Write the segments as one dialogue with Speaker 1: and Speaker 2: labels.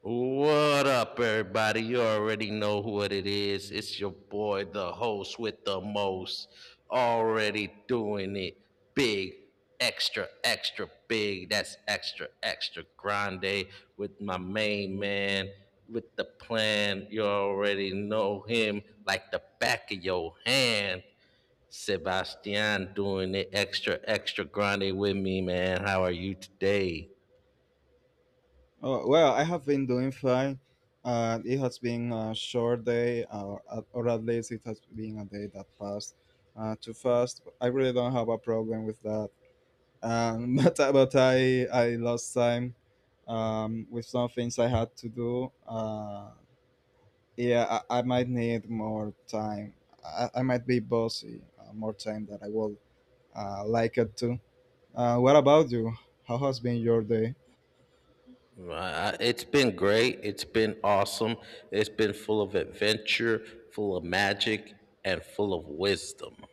Speaker 1: What up, everybody? You already know what it is. It's your boy, the host with the most. Already doing it big, extra, extra big. That's extra, extra grande with my main man with the plan. You already know him like the back of your hand. Sebastian doing it extra, extra grande with me, man. How are you today?
Speaker 2: Oh, well, I have been doing fine. It has been a short day, or at least it has been a day that passed too fast. I really don't have a problem with that. But I lost time with some things I had to do. Yeah, I might need more time. I might be bossy more time than I would like it to. What about you? How has been your day?
Speaker 1: It's been great. It's been awesome. It's been full of adventure, full of magic, and full of wisdom. You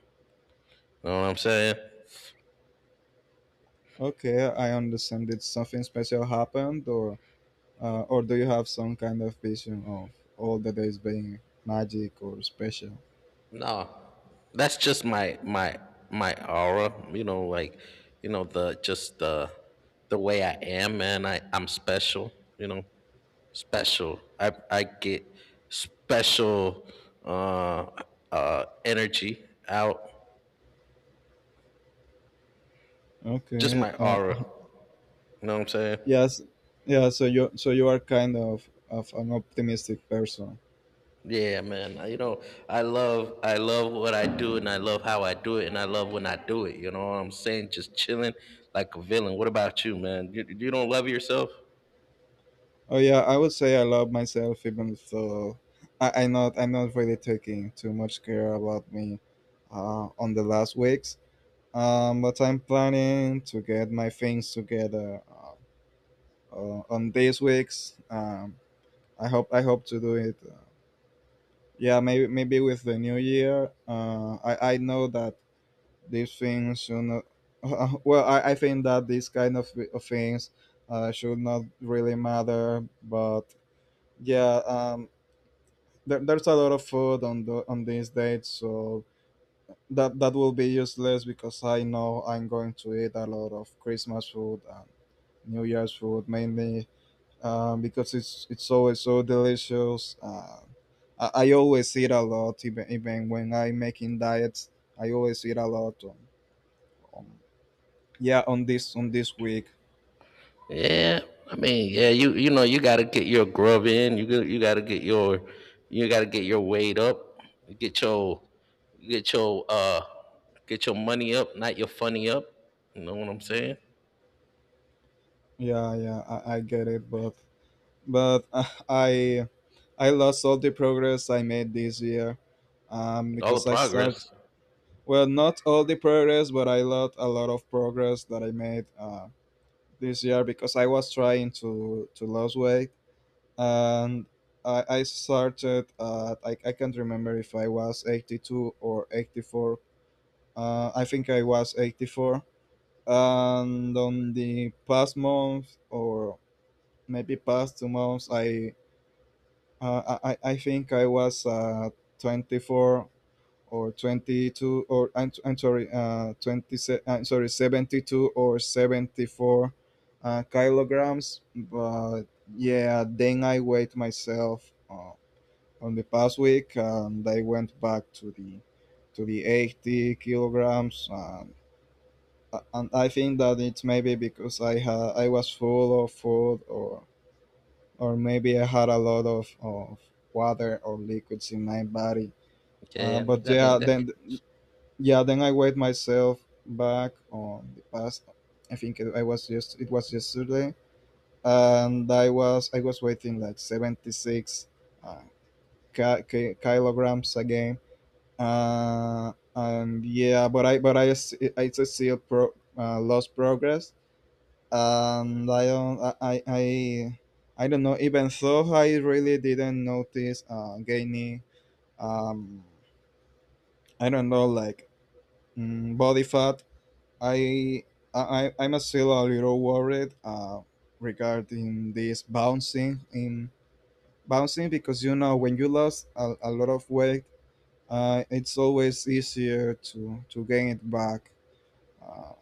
Speaker 1: know what I'm saying?
Speaker 2: Okay, I understand. Did something special happened, or do you have some kind of vision of all that is being magic or special?
Speaker 1: No, that's just my my aura. You know, like you know the just the way I am, man. I I'm special. You know, special. I get special uh energy out. Just
Speaker 2: Okay.
Speaker 1: my aura. You know what I'm saying?
Speaker 2: Yes. Yeah. So you are kind of an optimistic person.
Speaker 1: Yeah, man. I- You know, I love what I do and I love how I do it and I love when I do it. You know what I'm saying? Just chilling like a villain. What about you, man? You don't love yourself?
Speaker 2: Oh yeah, I would say I love myself even though I'm not really taking too much care about me on the last weeks. But I'm planning to get my things together on these weeks. I hope to do it. Yeah, maybe with the new year. I know that these things should not. Well, I think that these kind of things should not really matter. But yeah, there's a lot of food on on these dates, so that will be useless because I know I'm going to eat a lot of Christmas food and New Year's food mainly. Because it's always so delicious. I always eat a lot, even when I'm making diets. I always eat a lot. On, on this week.
Speaker 1: Yeah. You know you got to get your grub in. You got to get you got to get your weight up. Get your get your uh get your money up, not your funny up. You know what I'm saying?
Speaker 2: Yeah, yeah, I get it, but but uh, I I lost all the progress I made this year,
Speaker 1: All the
Speaker 2: because I
Speaker 1: progress.
Speaker 2: start well, not all the progress, but I lost a lot of progress that I made this year because I was trying to lose weight and I can't remember if I was 82 or 84. I think I was 84, and on the past month or maybe past 2 months, I think I was 24 or 22 or I'm sorry 20 se I'm sorry 72 or 74 kilograms, but yeah, then I weighed myself. On the past week, and I went back to the 80 kilograms. And I think that it's maybe because I was full of food, or maybe I had a lot of water or liquids in my body.
Speaker 1: Yeah.
Speaker 2: But
Speaker 1: That mean that
Speaker 2: yeah, then I weighed myself back on the past. I was just it was yesterday, and I was weighing like 76 uh, kilograms again. And yeah, it's a still lost progress, and I don't know. Even though I really didn't notice gaining um I don't know, like body fat. I I'm still a little worried regarding this bouncing because when you lose a lot of weight, it's always easier to gain it back. Uh,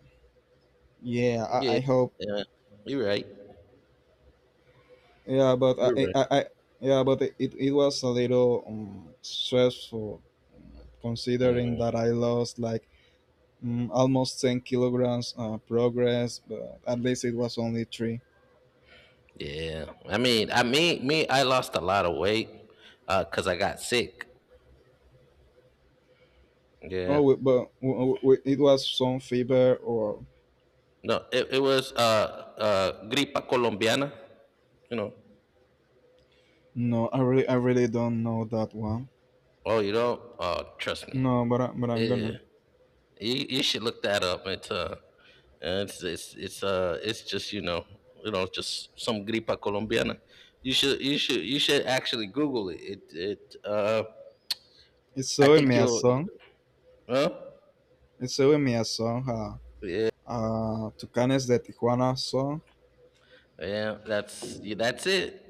Speaker 2: yeah, I,
Speaker 1: yeah.
Speaker 2: I hope.
Speaker 1: Yeah. You're right.
Speaker 2: Yeah, but
Speaker 1: You're right.
Speaker 2: I yeah, but it was a little stressful um, considering
Speaker 1: Mm,
Speaker 2: that I lost like almost 10 kilograms progress, but at least it was only three.
Speaker 1: yeah. Me, I lost a lot of weight 'cause I got sick. Yeah.
Speaker 2: Oh, but it was some fever or
Speaker 1: No, it was gripa colombiana. You know.
Speaker 2: no, I really don't know that one.
Speaker 1: Oh, you know. Trust me.
Speaker 2: No, but I'm
Speaker 1: Yeah.
Speaker 2: gonna.
Speaker 1: You should look that up. It's it's just you know, just some gripa colombiana. You should actually Google it.
Speaker 2: It's
Speaker 1: I
Speaker 2: showing me
Speaker 1: think
Speaker 2: a
Speaker 1: you'll.
Speaker 2: song.
Speaker 1: Huh?
Speaker 2: It's showing me a song,
Speaker 1: Yeah.
Speaker 2: Tucanes de Tijuana song.
Speaker 1: Yeah. That's yeah, that's it.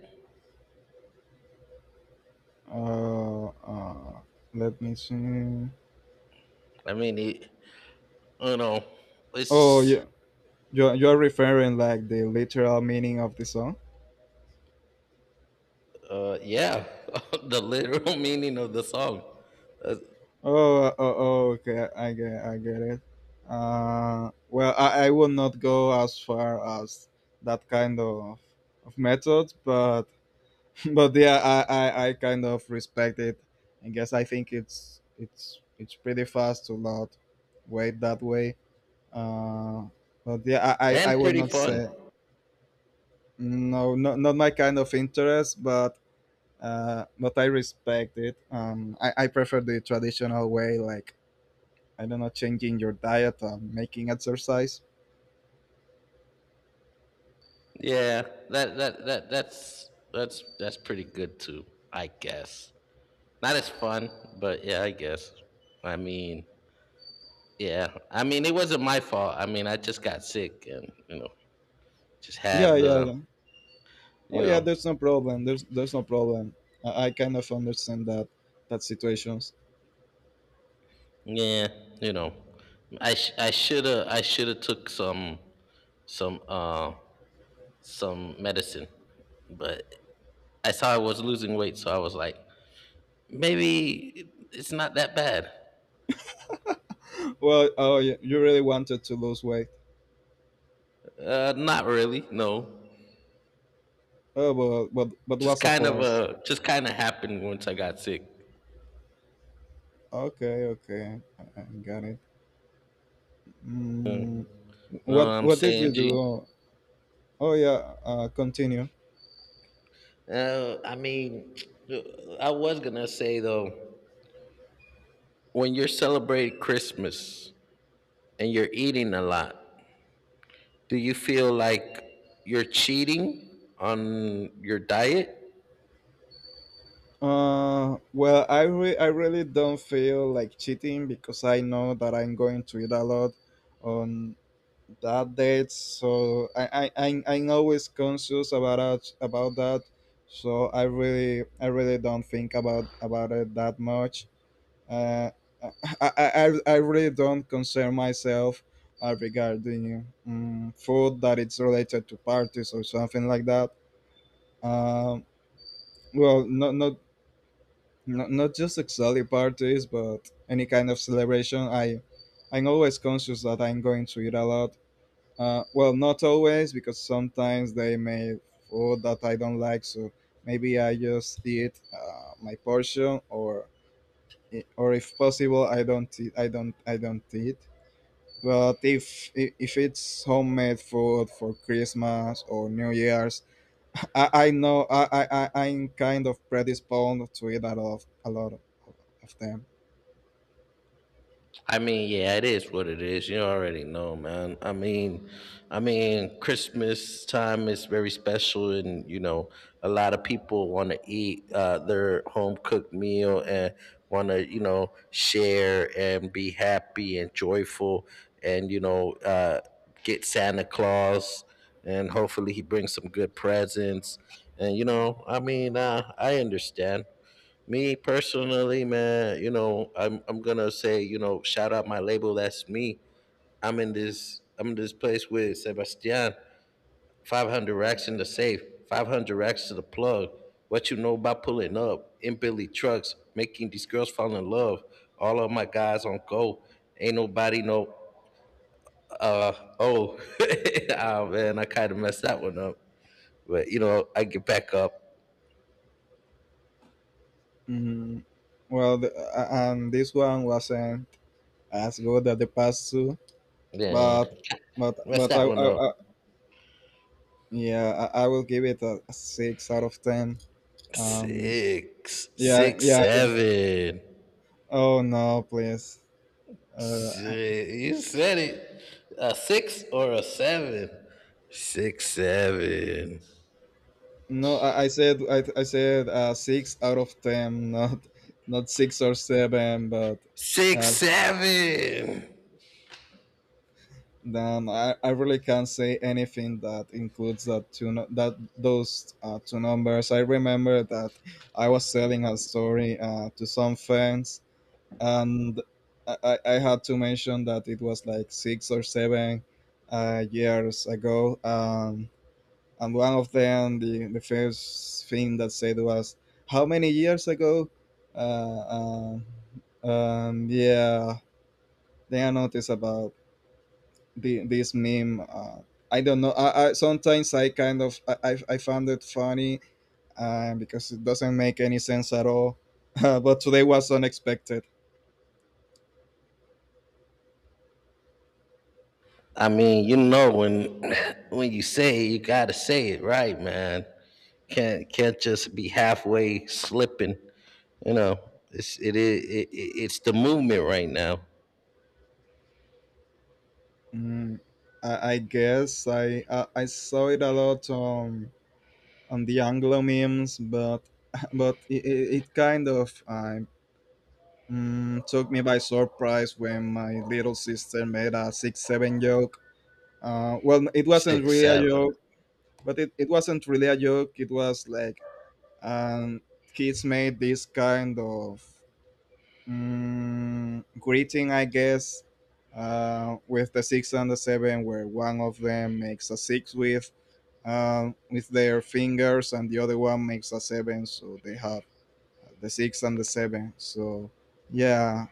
Speaker 2: Uh, uh, Let me see.
Speaker 1: I mean, it, you know,
Speaker 2: Oh,
Speaker 1: it's
Speaker 2: yeah. You are referring like the literal meaning of the song.
Speaker 1: yeah, the literal meaning of the song. Uh,
Speaker 2: Oh, okay. I get it. Well, I will not go as far as that kind of method, but but yeah, I kind of respect it. I guess I think it's pretty fast to not wait that way. Uh, but yeah, I
Speaker 1: and
Speaker 2: will
Speaker 1: pretty
Speaker 2: not
Speaker 1: fun.
Speaker 2: say. No, no, not my kind of interest, but I respect it. I prefer the traditional way, like I don't know, changing your diet, making exercise.
Speaker 1: Yeah, that's pretty good too, I guess. Not as fun, but yeah, I guess. I mean, yeah, I mean, it wasn't my fault. I mean, I just got sick, and you know, just
Speaker 2: Yeah,
Speaker 1: had
Speaker 2: yeah.
Speaker 1: the,
Speaker 2: Oh,
Speaker 1: you
Speaker 2: yeah.
Speaker 1: know,
Speaker 2: There's no problem. There's no problem. I kind of understand that situations.
Speaker 1: yeah, you know, I should have took some some uh some medicine, but I saw I was losing weight, so I was like, maybe it's not that bad.
Speaker 2: Well, oh, you really wanted to lose weight.
Speaker 1: Not really, no.
Speaker 2: Oh, but what's a plus?
Speaker 1: Just kind of happened once I got sick.
Speaker 2: Okay, okay, I got it. Mm,
Speaker 1: You know what
Speaker 2: what
Speaker 1: I'm
Speaker 2: what did you
Speaker 1: saying, G?
Speaker 2: do? Oh, yeah. Continue.
Speaker 1: I mean, I was gonna say though, when you're celebrating Christmas and you're eating a lot, do you feel like you're cheating on your diet?
Speaker 2: Well, I really don't feel like cheating because I know that I'm going to eat a lot on that date, so I'm always conscious about that. So I really don't think about it that much. Uh, I I I really don't concern myself regarding food that it's related to parties or something like that. Um, well, not just exactly parties but any kind of celebration. I'm always conscious that I'm going to eat a lot. Well, not always because sometimes they make food that I don't like, so maybe I just eat my portion, or if possible I don't eat. But if if it's homemade food for Christmas or New Year's, I know I'm kind of predisposed to eat a lot of them.
Speaker 1: I mean, yeah, it is what it is. You already know, man. Christmas time is very special, and you know, a lot of people want to eat their home cooked meal and want to, you know, share and be happy and joyful, and you know, get Santa Claus, and hopefully he brings some good presents. And you know, I mean, I understand. Me personally, man, you know, I'm gonna say, you know, shout out my label. That's me. I'm in this place with Sebastian. 500 racks in the safe. 500 racks to the plug. What you know about pulling up in Billy trucks, making these girls fall in love. All of my guys on go. Ain't nobody no uh oh. Ah man, I kind of messed that one up. But you know, I get back up.
Speaker 2: Hmm. Well, and this one wasn't as good as the past two,
Speaker 1: Yeah,
Speaker 2: but
Speaker 1: messed that one up.
Speaker 2: I yeah, I will give it a 6 out of 10. Um,
Speaker 1: Six,
Speaker 2: yeah,
Speaker 1: six,
Speaker 2: yeah. Yeah.
Speaker 1: seven.
Speaker 2: Oh no, please. Uh, I-
Speaker 1: Shit, you said it. A six or a seven? Six, seven.
Speaker 2: no, I said 6 out of 10, not six or seven, but
Speaker 1: Six,
Speaker 2: uh,
Speaker 1: seven.
Speaker 2: then I really can't say anything that includes that those two numbers. I remember that I was telling a story to some friends, and I had to mention that it was like six or seven years ago. And one of them, the first thing that said was, "How many years ago?" Uh, um, yeah, then I noticed about the this meme. I don't know. I sometimes I kind of I found it funny because it doesn't make any sense at all. But today was unexpected.
Speaker 1: I mean, you know when when you say it, you gotta say it right, man. Can't just be halfway slipping. You know, it's it is it, it, it's the movement right now.
Speaker 2: Mm, I guess I saw it a lot on the Anglo memes, but but it kind of took me by surprise when my little sister made a 6 7 joke. Well, it wasn't
Speaker 1: Six,
Speaker 2: really a
Speaker 1: seven.
Speaker 2: joke, but it wasn't really a joke. It was like and kids made this kind of greeting, I guess, with the six and the seven, where one of them makes a six with their fingers, and the other one makes a seven, so they have the six and the seven. So yeah,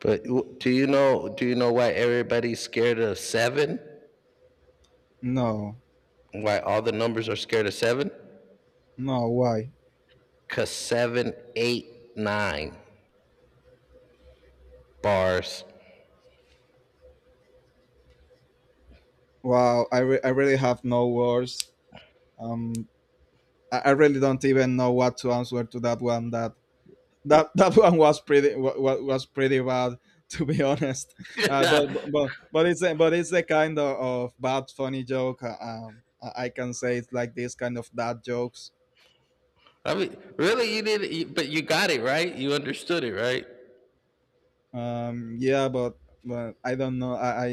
Speaker 1: But w- do you know why everybody's scared of seven?
Speaker 2: no,
Speaker 1: Why all the numbers are scared of seven?
Speaker 2: no, why?
Speaker 1: Cause seven, eight, nine bars.
Speaker 2: Wow, I really have no words. Um, I really don't even know what to answer to that one. That that one was pretty was pretty bad to be honest but
Speaker 1: I
Speaker 2: it's the kind of bad funny joke I can say it's like this kind of dad jokes.
Speaker 1: mean, really, you did, it, but you got it right. You understood it, right?
Speaker 2: Yeah, but but i don't know i i,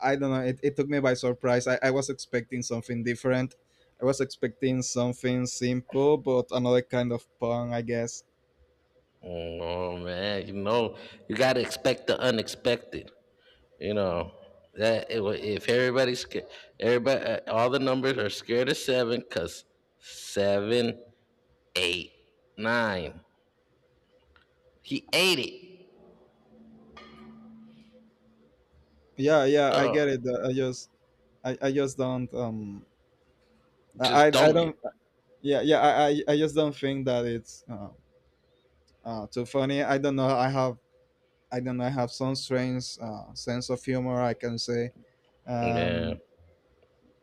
Speaker 2: I don't know it took me by surprise. I was expecting something different. I was expecting something simple but another kind of pun, I guess.
Speaker 1: Oh man, you know, you gotta expect the unexpected. You know that it, wa- if everybody's sca- everybody, all the numbers are scared of seven, cause seven, eight, nine. He ate it.
Speaker 2: Yeah, yeah, I
Speaker 1: Oh,
Speaker 2: get it. I just don't um I, I
Speaker 1: just
Speaker 2: I
Speaker 1: don't get.
Speaker 2: don't. Yeah, yeah, I just don't think that it's too funny. I don't know, I have some strange sense of humor, I can say.
Speaker 1: Yeah.
Speaker 2: um,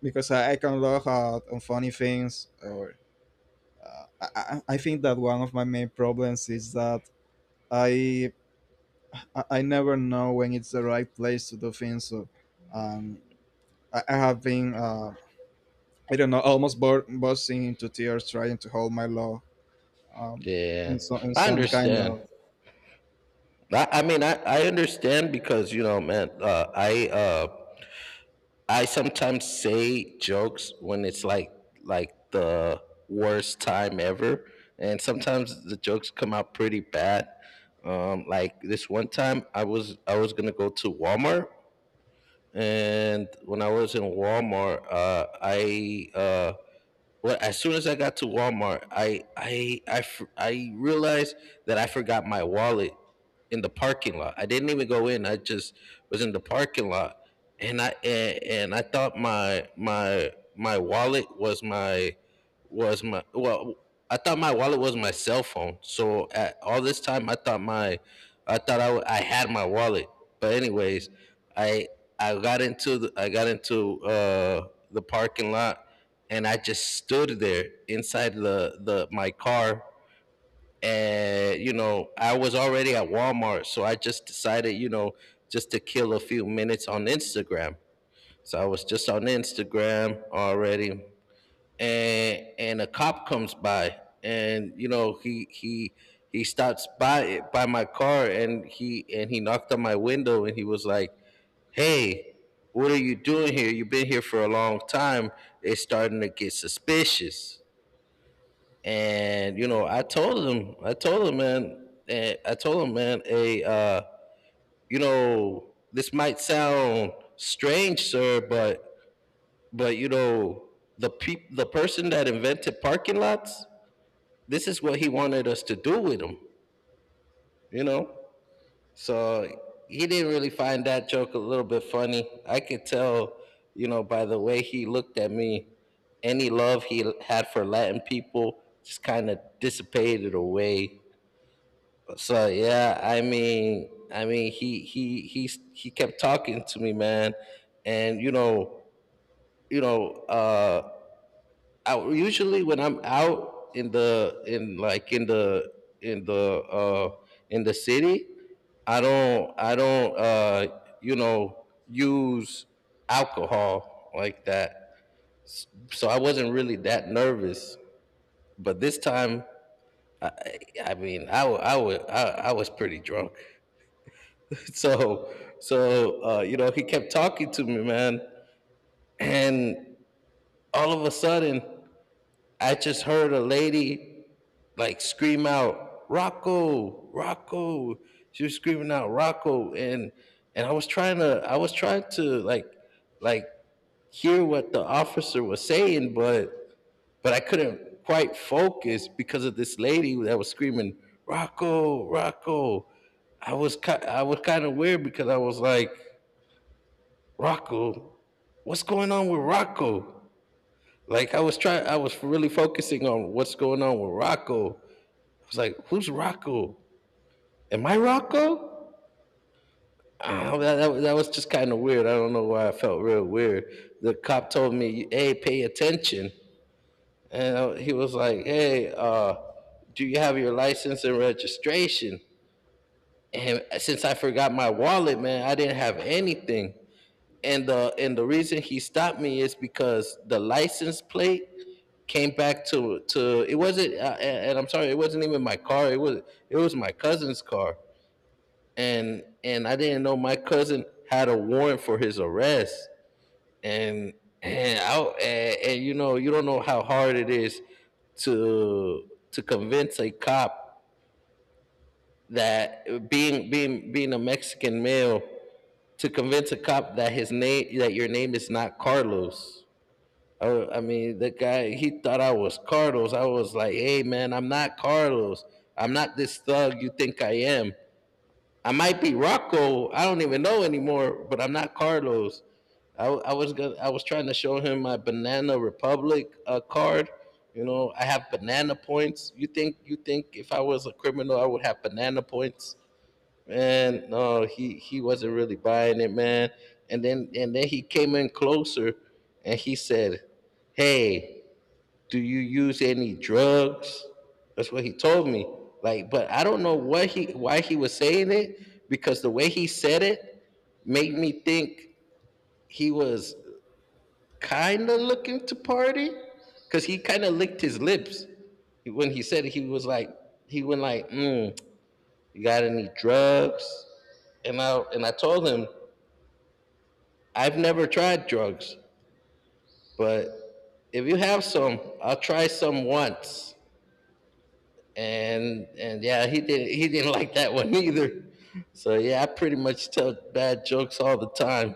Speaker 2: because I can laugh out on funny things or I think that one of my main problems is that i I never know when it's the right place to do things, so um, I have been I don't know, almost bursting into tears trying to hold my law, um,
Speaker 1: Yeah,
Speaker 2: so, in
Speaker 1: I
Speaker 2: some kind
Speaker 1: understand.
Speaker 2: of.
Speaker 1: I understand because you know, man. I sometimes say jokes when it's like the worst time ever, and sometimes the jokes come out pretty bad. Like this one time, I was gonna go to Walmart, and when I was in Walmart, I well, as soon as I got to Walmart, I realized that I forgot my wallet in the parking lot. I didn't even go in. I just was in the parking lot, and and I thought my wallet was my well. I thought my wallet was my cell phone. So at all this time, I thought I had my wallet. But anyways, I I got into the, I got into the parking lot, and I just stood there inside the my car, and you know, I was already at Walmart, so I just decided, you know, just to kill a few minutes on Instagram. So I was just on Instagram already, and a cop comes by, and you know, he stops by my car, and he knocked on my window, and he was like, hey, what are you doing here? You've been here for a long time. It's starting to get suspicious. And you know, I told him, man, hey, you know, this might sound strange, sir, but you know, the person that invented parking lots, this is what he wanted us to do with them, you know. So he didn't really find that joke a little bit funny. I could tell, you know, by the way he looked at me, any love he had for Latin people just kind of dissipated away. So yeah, I mean, he kept talking to me, man, and you know, I, usually when I'm out in like in the uh in the city, I don't uh, you know, use alcohol like that, so I wasn't really that nervous. But this time, I mean, I wa- I was pretty drunk. So, so you know, he kept talking to me, man, and all of a sudden, I just heard a lady like scream out, "Rocco, Rocco!" She was screaming out, "Rocco!" and I was trying to, I was trying to like hear what the officer was saying, but I couldn't quite focus because of this lady that was screaming, "Rocco, Rocco!" I was kind of weird because I was like, Rocco, what's going on with Rocco? Like I was trying, I was really focusing on what's going on with Rocco. I was like, who's Rocco? Am I Rocco? That was just kind of weird. I don't know why I felt real weird. The cop told me, hey, pay attention. And I- he was like, hey, do you have your license and registration? And since I forgot my wallet, man, I didn't have anything. And the reason he stopped me is because the license plate came back to it wasn't and I'm sorry, it wasn't even my car, it was my cousin's car, and I didn't know my cousin had a warrant for his arrest, and and I and you know, you don't know how hard it is to convince a cop that being a Mexican male, to convince a cop that his name that your name is not Carlos. Oh, I mean, the guy, he thought I was Carlos. I was like, hey, man, I'm not Carlos. I'm not this thug you think I am. I might be Rocco. I don't even know anymore, but I'm not Carlos. I was gonna, I was trying to show him my Banana Republic card. You know, I have banana points. You think if I was a criminal, I would have banana points? Man, no, he wasn't really buying it, man. And then he came in closer, and he said, "Hey, do you use any drugs?" That's what he told me. Like, but I don't know what he why he was saying it because the way he said it made me think he was kind of looking to party because he kind of licked his lips when he said it. He was like, he went like mm, you got any drugs? And I told him, I've never tried drugs, but if you have some, I'll try some once. And yeah, he didn't like that one either. So yeah, I pretty much tell bad jokes all the time.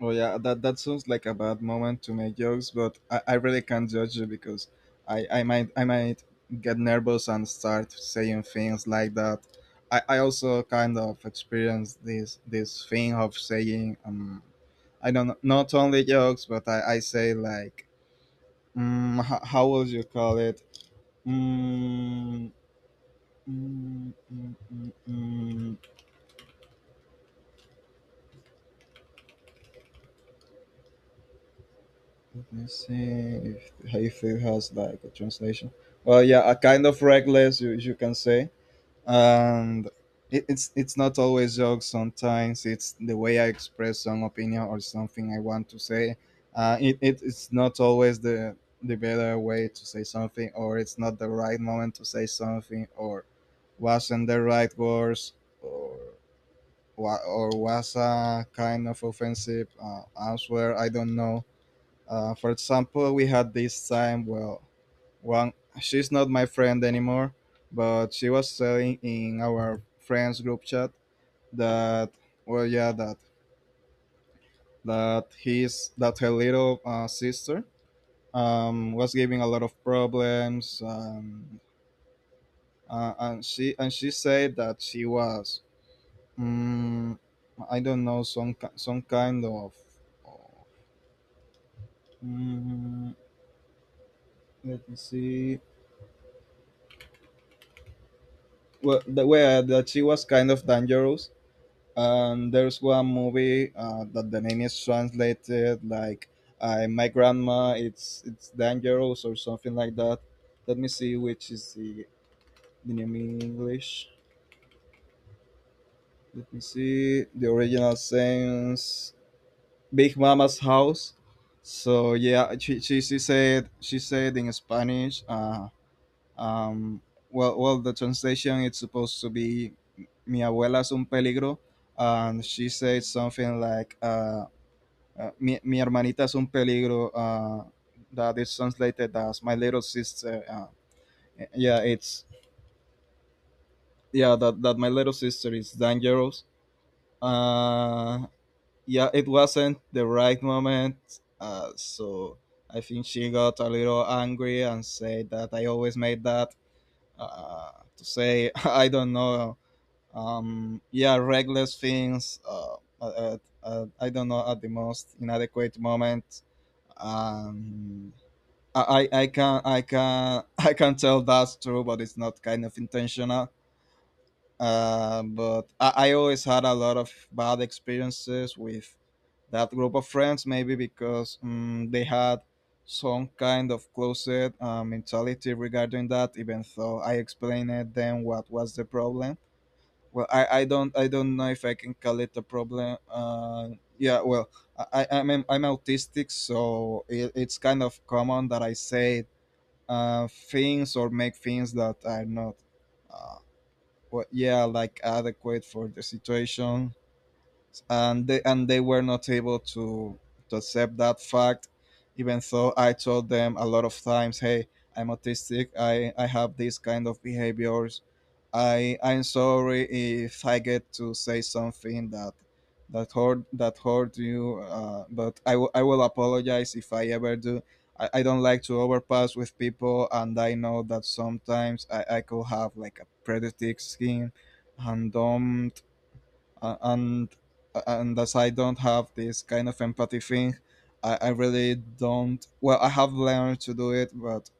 Speaker 2: Oh yeah, that sounds like a bad moment to make jokes, but I really can't judge you because I might get nervous and start saying things like that. I also kind of experienced this thing of saying I don't know, not only jokes but I say like how would you call it mm, mm, mm, mm, mm. mm, Let me see if Hayfield has like a translation. Well, yeah, a kind of reckless, you can say, and it's not always jokes. Sometimes it's the way I express some opinion or something I want to say. It's not always the better way to say something, or it's not the right moment to say something, or wasn't the right words, or was a kind of offensive answer. I don't know. For example, we had this time. Well, one, she's not my friend anymore, but she was saying in our friends group chat that, well, yeah, that that his that her little sister, was giving a lot of problems and she said that she was, mm, I don't know, some kind of, mm, let me see, well, well, that she was kind of dangerous. And there's one movie that the name is translated like I, my grandma, it's dangerous or something like that. Let me see which is the name in English. Let me see the original sense. Big Mama's House. So yeah, she said, she said in Spanish. Um, well, the translation it's supposed to be "Mi abuela es un peligro," and she said something like, "Mi hermanita es un peligro." That is translated as "My little sister." Yeah, it's, yeah, that my little sister is dangerous. Uh, yeah, it wasn't the right moment, so I think she got a little angry and said that I always made that uh, to say I don't know, yeah, reckless things, I don't know, at the most inadequate moment. um I can I can tell that's true, but it's not kind of intentional. But I always had a lot of bad experiences with that group of friends, maybe because they had some kind of closet mentality regarding that, even though I explained it then what was the problem. Well, I don't know if I can call it a problem. Yeah, well, I'm autistic, so it's kind of common that I say things or make things that are not uh, well, yeah, like adequate for the situation, and they were not able to accept that fact, even though I told them a lot of times, hey, I'm autistic, I have these kind of behaviors. I'm sorry if I get to say something that that hurt you, but I will apologize if I ever do. I don't like to overpass with people, and I know that sometimes I could have like a pretty thick skin, and don't uh, and and as I don't have this kind of empathy thing, I really don't. Well, I have learned to do it, but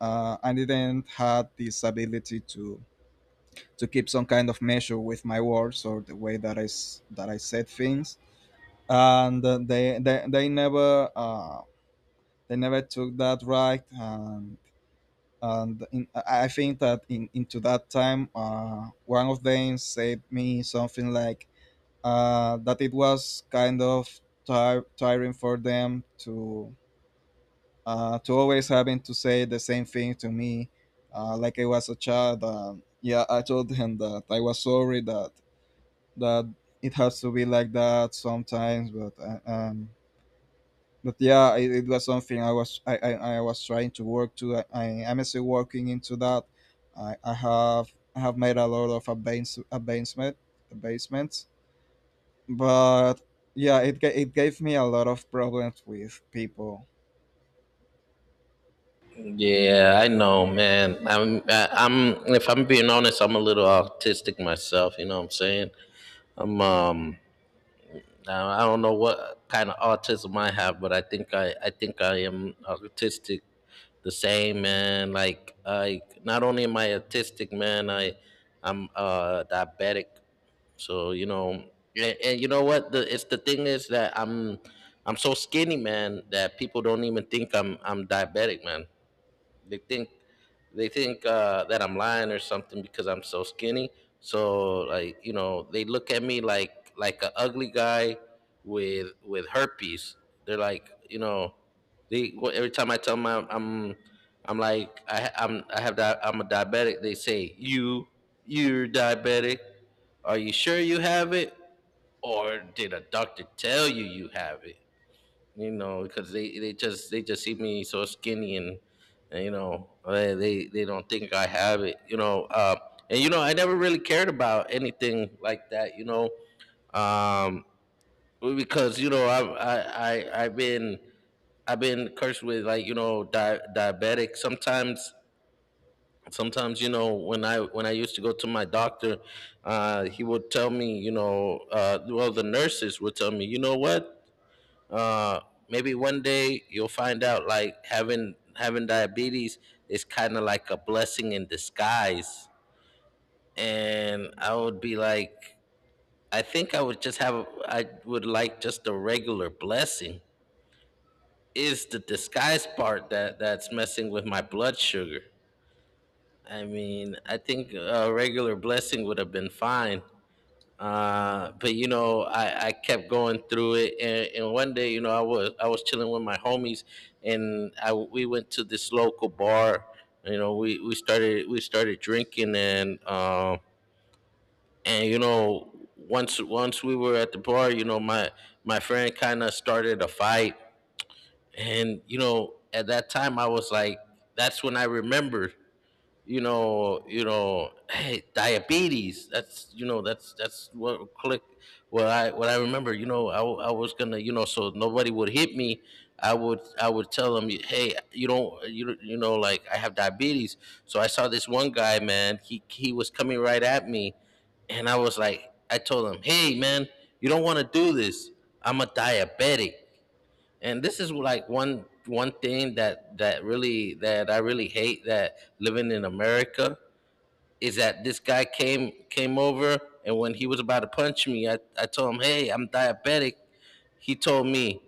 Speaker 2: I didn't have this ability to keep some kind of measure with my words or the way that that I said things. And they never they never took that right. And I think that in into that time, one of them said me something like, that it was kind of tire tiring for them to always having to say the same thing to me, like I was a child. Yeah, I told him that I was sorry that that it has to be like that sometimes, but, but yeah, it was something I was trying to work to. I am still working into that. I have made a lot of advancement, advancements, but yeah, it gave me a lot of problems with people.
Speaker 1: Yeah, I know, man. I'm I am If I'm being honest, I'm a little autistic myself, you know what I'm saying? I'm um I don't know what kind of autism I have, but I think I am autistic the same, man. Like, I not only am I autistic, man, I'm diabetic, so you know. And you know what, the it's the thing is that i'm so skinny, man, that people don't even think I'm diabetic, man. they think they think that I'm lying or something because I'm so skinny. So like, you know, they look at me like a ugly guy with herpes. They're like, you know, every time I tell them I'm like, I ha- I'm I have di- I'm a diabetic. They say, you you're diabetic. Are you sure you have it, or did a doctor tell you you have it? You know, because they just see me so skinny, and, you know, they don't think I have it, you know. And you know, I never really cared about anything like that, you know, um, because you know I've been cursed with, like, you know, diabetic. Sometimes, you know, when I used to go to my doctor, he would tell me, you know, well, the nurses would tell me, you know what, uh maybe one day you'll find out like having diabetes is kind of like a blessing in disguise. And I would be like, I would like just a regular blessing. Is the disguise part that's messing with my blood sugar. I mean, I think a regular blessing would have been fine. But you know, I kept going through it, and one day, you know, I was chilling with my homies, and I we went to this local bar. You know, we started drinking, and you know, once we were at the bar, you know, my friend kind of started a fight. And you know, at that time, I was like, that's when I remembered, you know, hey, diabetes. That's, you know, that's what click. What I remember, you know, I was gonna, you know, so nobody would hit me, I would tell them, hey, you don't, you know, like, I have diabetes. So I saw this one guy, man. He was coming right at me, and I was like, I told him, hey, man, you don't want to do this. I'm a diabetic. And this is like one thing that that really that I really hate, that living in america, is that this guy came over, and when he was about to punch me, I told him, hey, I'm diabetic. He told me,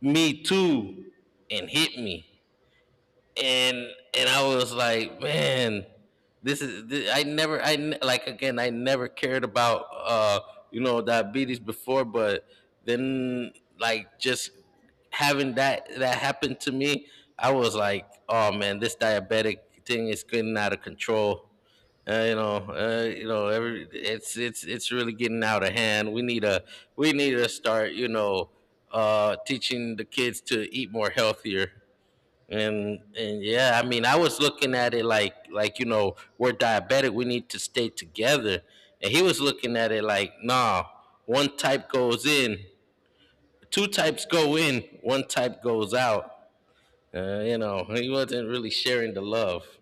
Speaker 1: me too, and hit me. and and I was like, man, this is this, I never I n- like, again, I never cared about you know diabetes before, but then, like, just having that happen to me, I was like, oh man, this diabetic thing is getting out of control. Uh, you know, every it's it's really getting out of hand. We need to start, you know, teaching the kids to eat more healthier. And yeah, I mean, I was looking at it like, you know, we're diabetic, we need to stay together. And he was looking at it like, nah, one type goes in, two types go in, one type goes out. You know, he wasn't really sharing the love.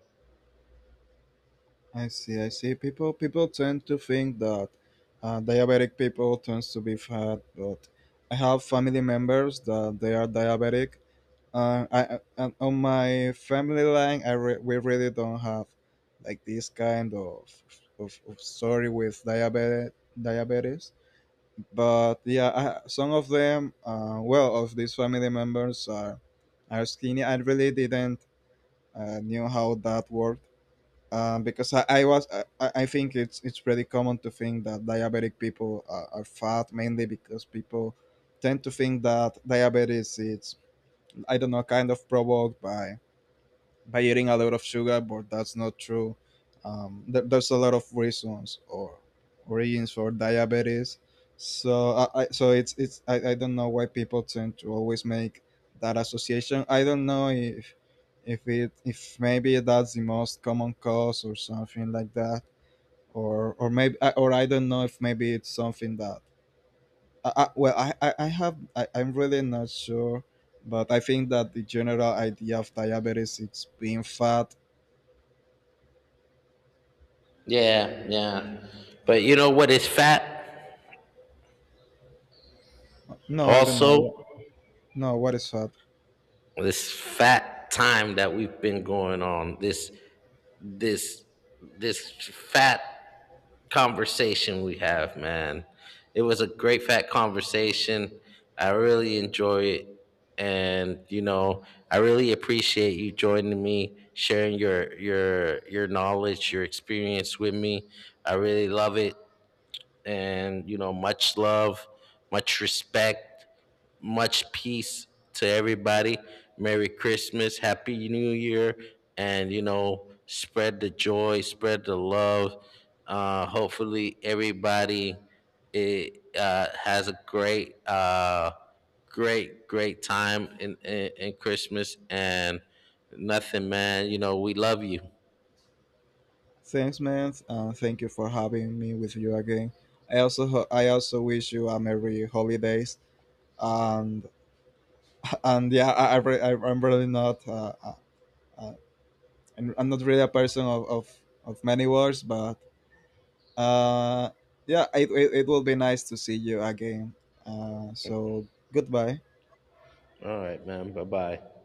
Speaker 2: I see, I see, people tend to think that diabetic people tends to be fat, but I have family members that they are diabetic. I On my family line, we really don't have like this kind of of story with diabetes. But yeah, I, some of them, well, of these family members are skinny. I really didn't knew how that worked. Because I I think it's pretty common to think that diabetic people are fat, mainly because people tend to think that diabetes is, I don't know, kind of provoked by eating a lot of sugar, but that's not true. There's a lot of reasons or origins for diabetes. So I so I don't know why people tend to always make that association. I don't know if it if maybe that's the most common cause or something like that, or maybe, I- or I don't know if maybe it's something that I, I'm really not sure, but I think that the general idea of diabetes it's being fat.
Speaker 1: Yeah, yeah. But you know what is fat?
Speaker 2: No, I don't
Speaker 1: Also,
Speaker 2: know. No, what is that?
Speaker 1: this fat time that we've been going on, this this fat conversation we have, man. It was a great fat conversation. I really enjoy it. And you know, I really appreciate you joining me, sharing your knowledge, your experience with me. I really love it. And you know, much love, much respect, much peace to everybody. Merry Christmas, happy New Year. And you know, spread the joy, spread the love. Hopefully everybody, has a great great time in, in Christmas and nothing, man. You know, we love you.
Speaker 2: Thanks, man. Thank you for having me with you again. I also I also wish you a merry holidays. And and yeah, I'm really not uh, I'm not really a person of of many words, but uh, yeah, it it will be nice to see you again. So goodbye.
Speaker 1: All right, man, bye-bye.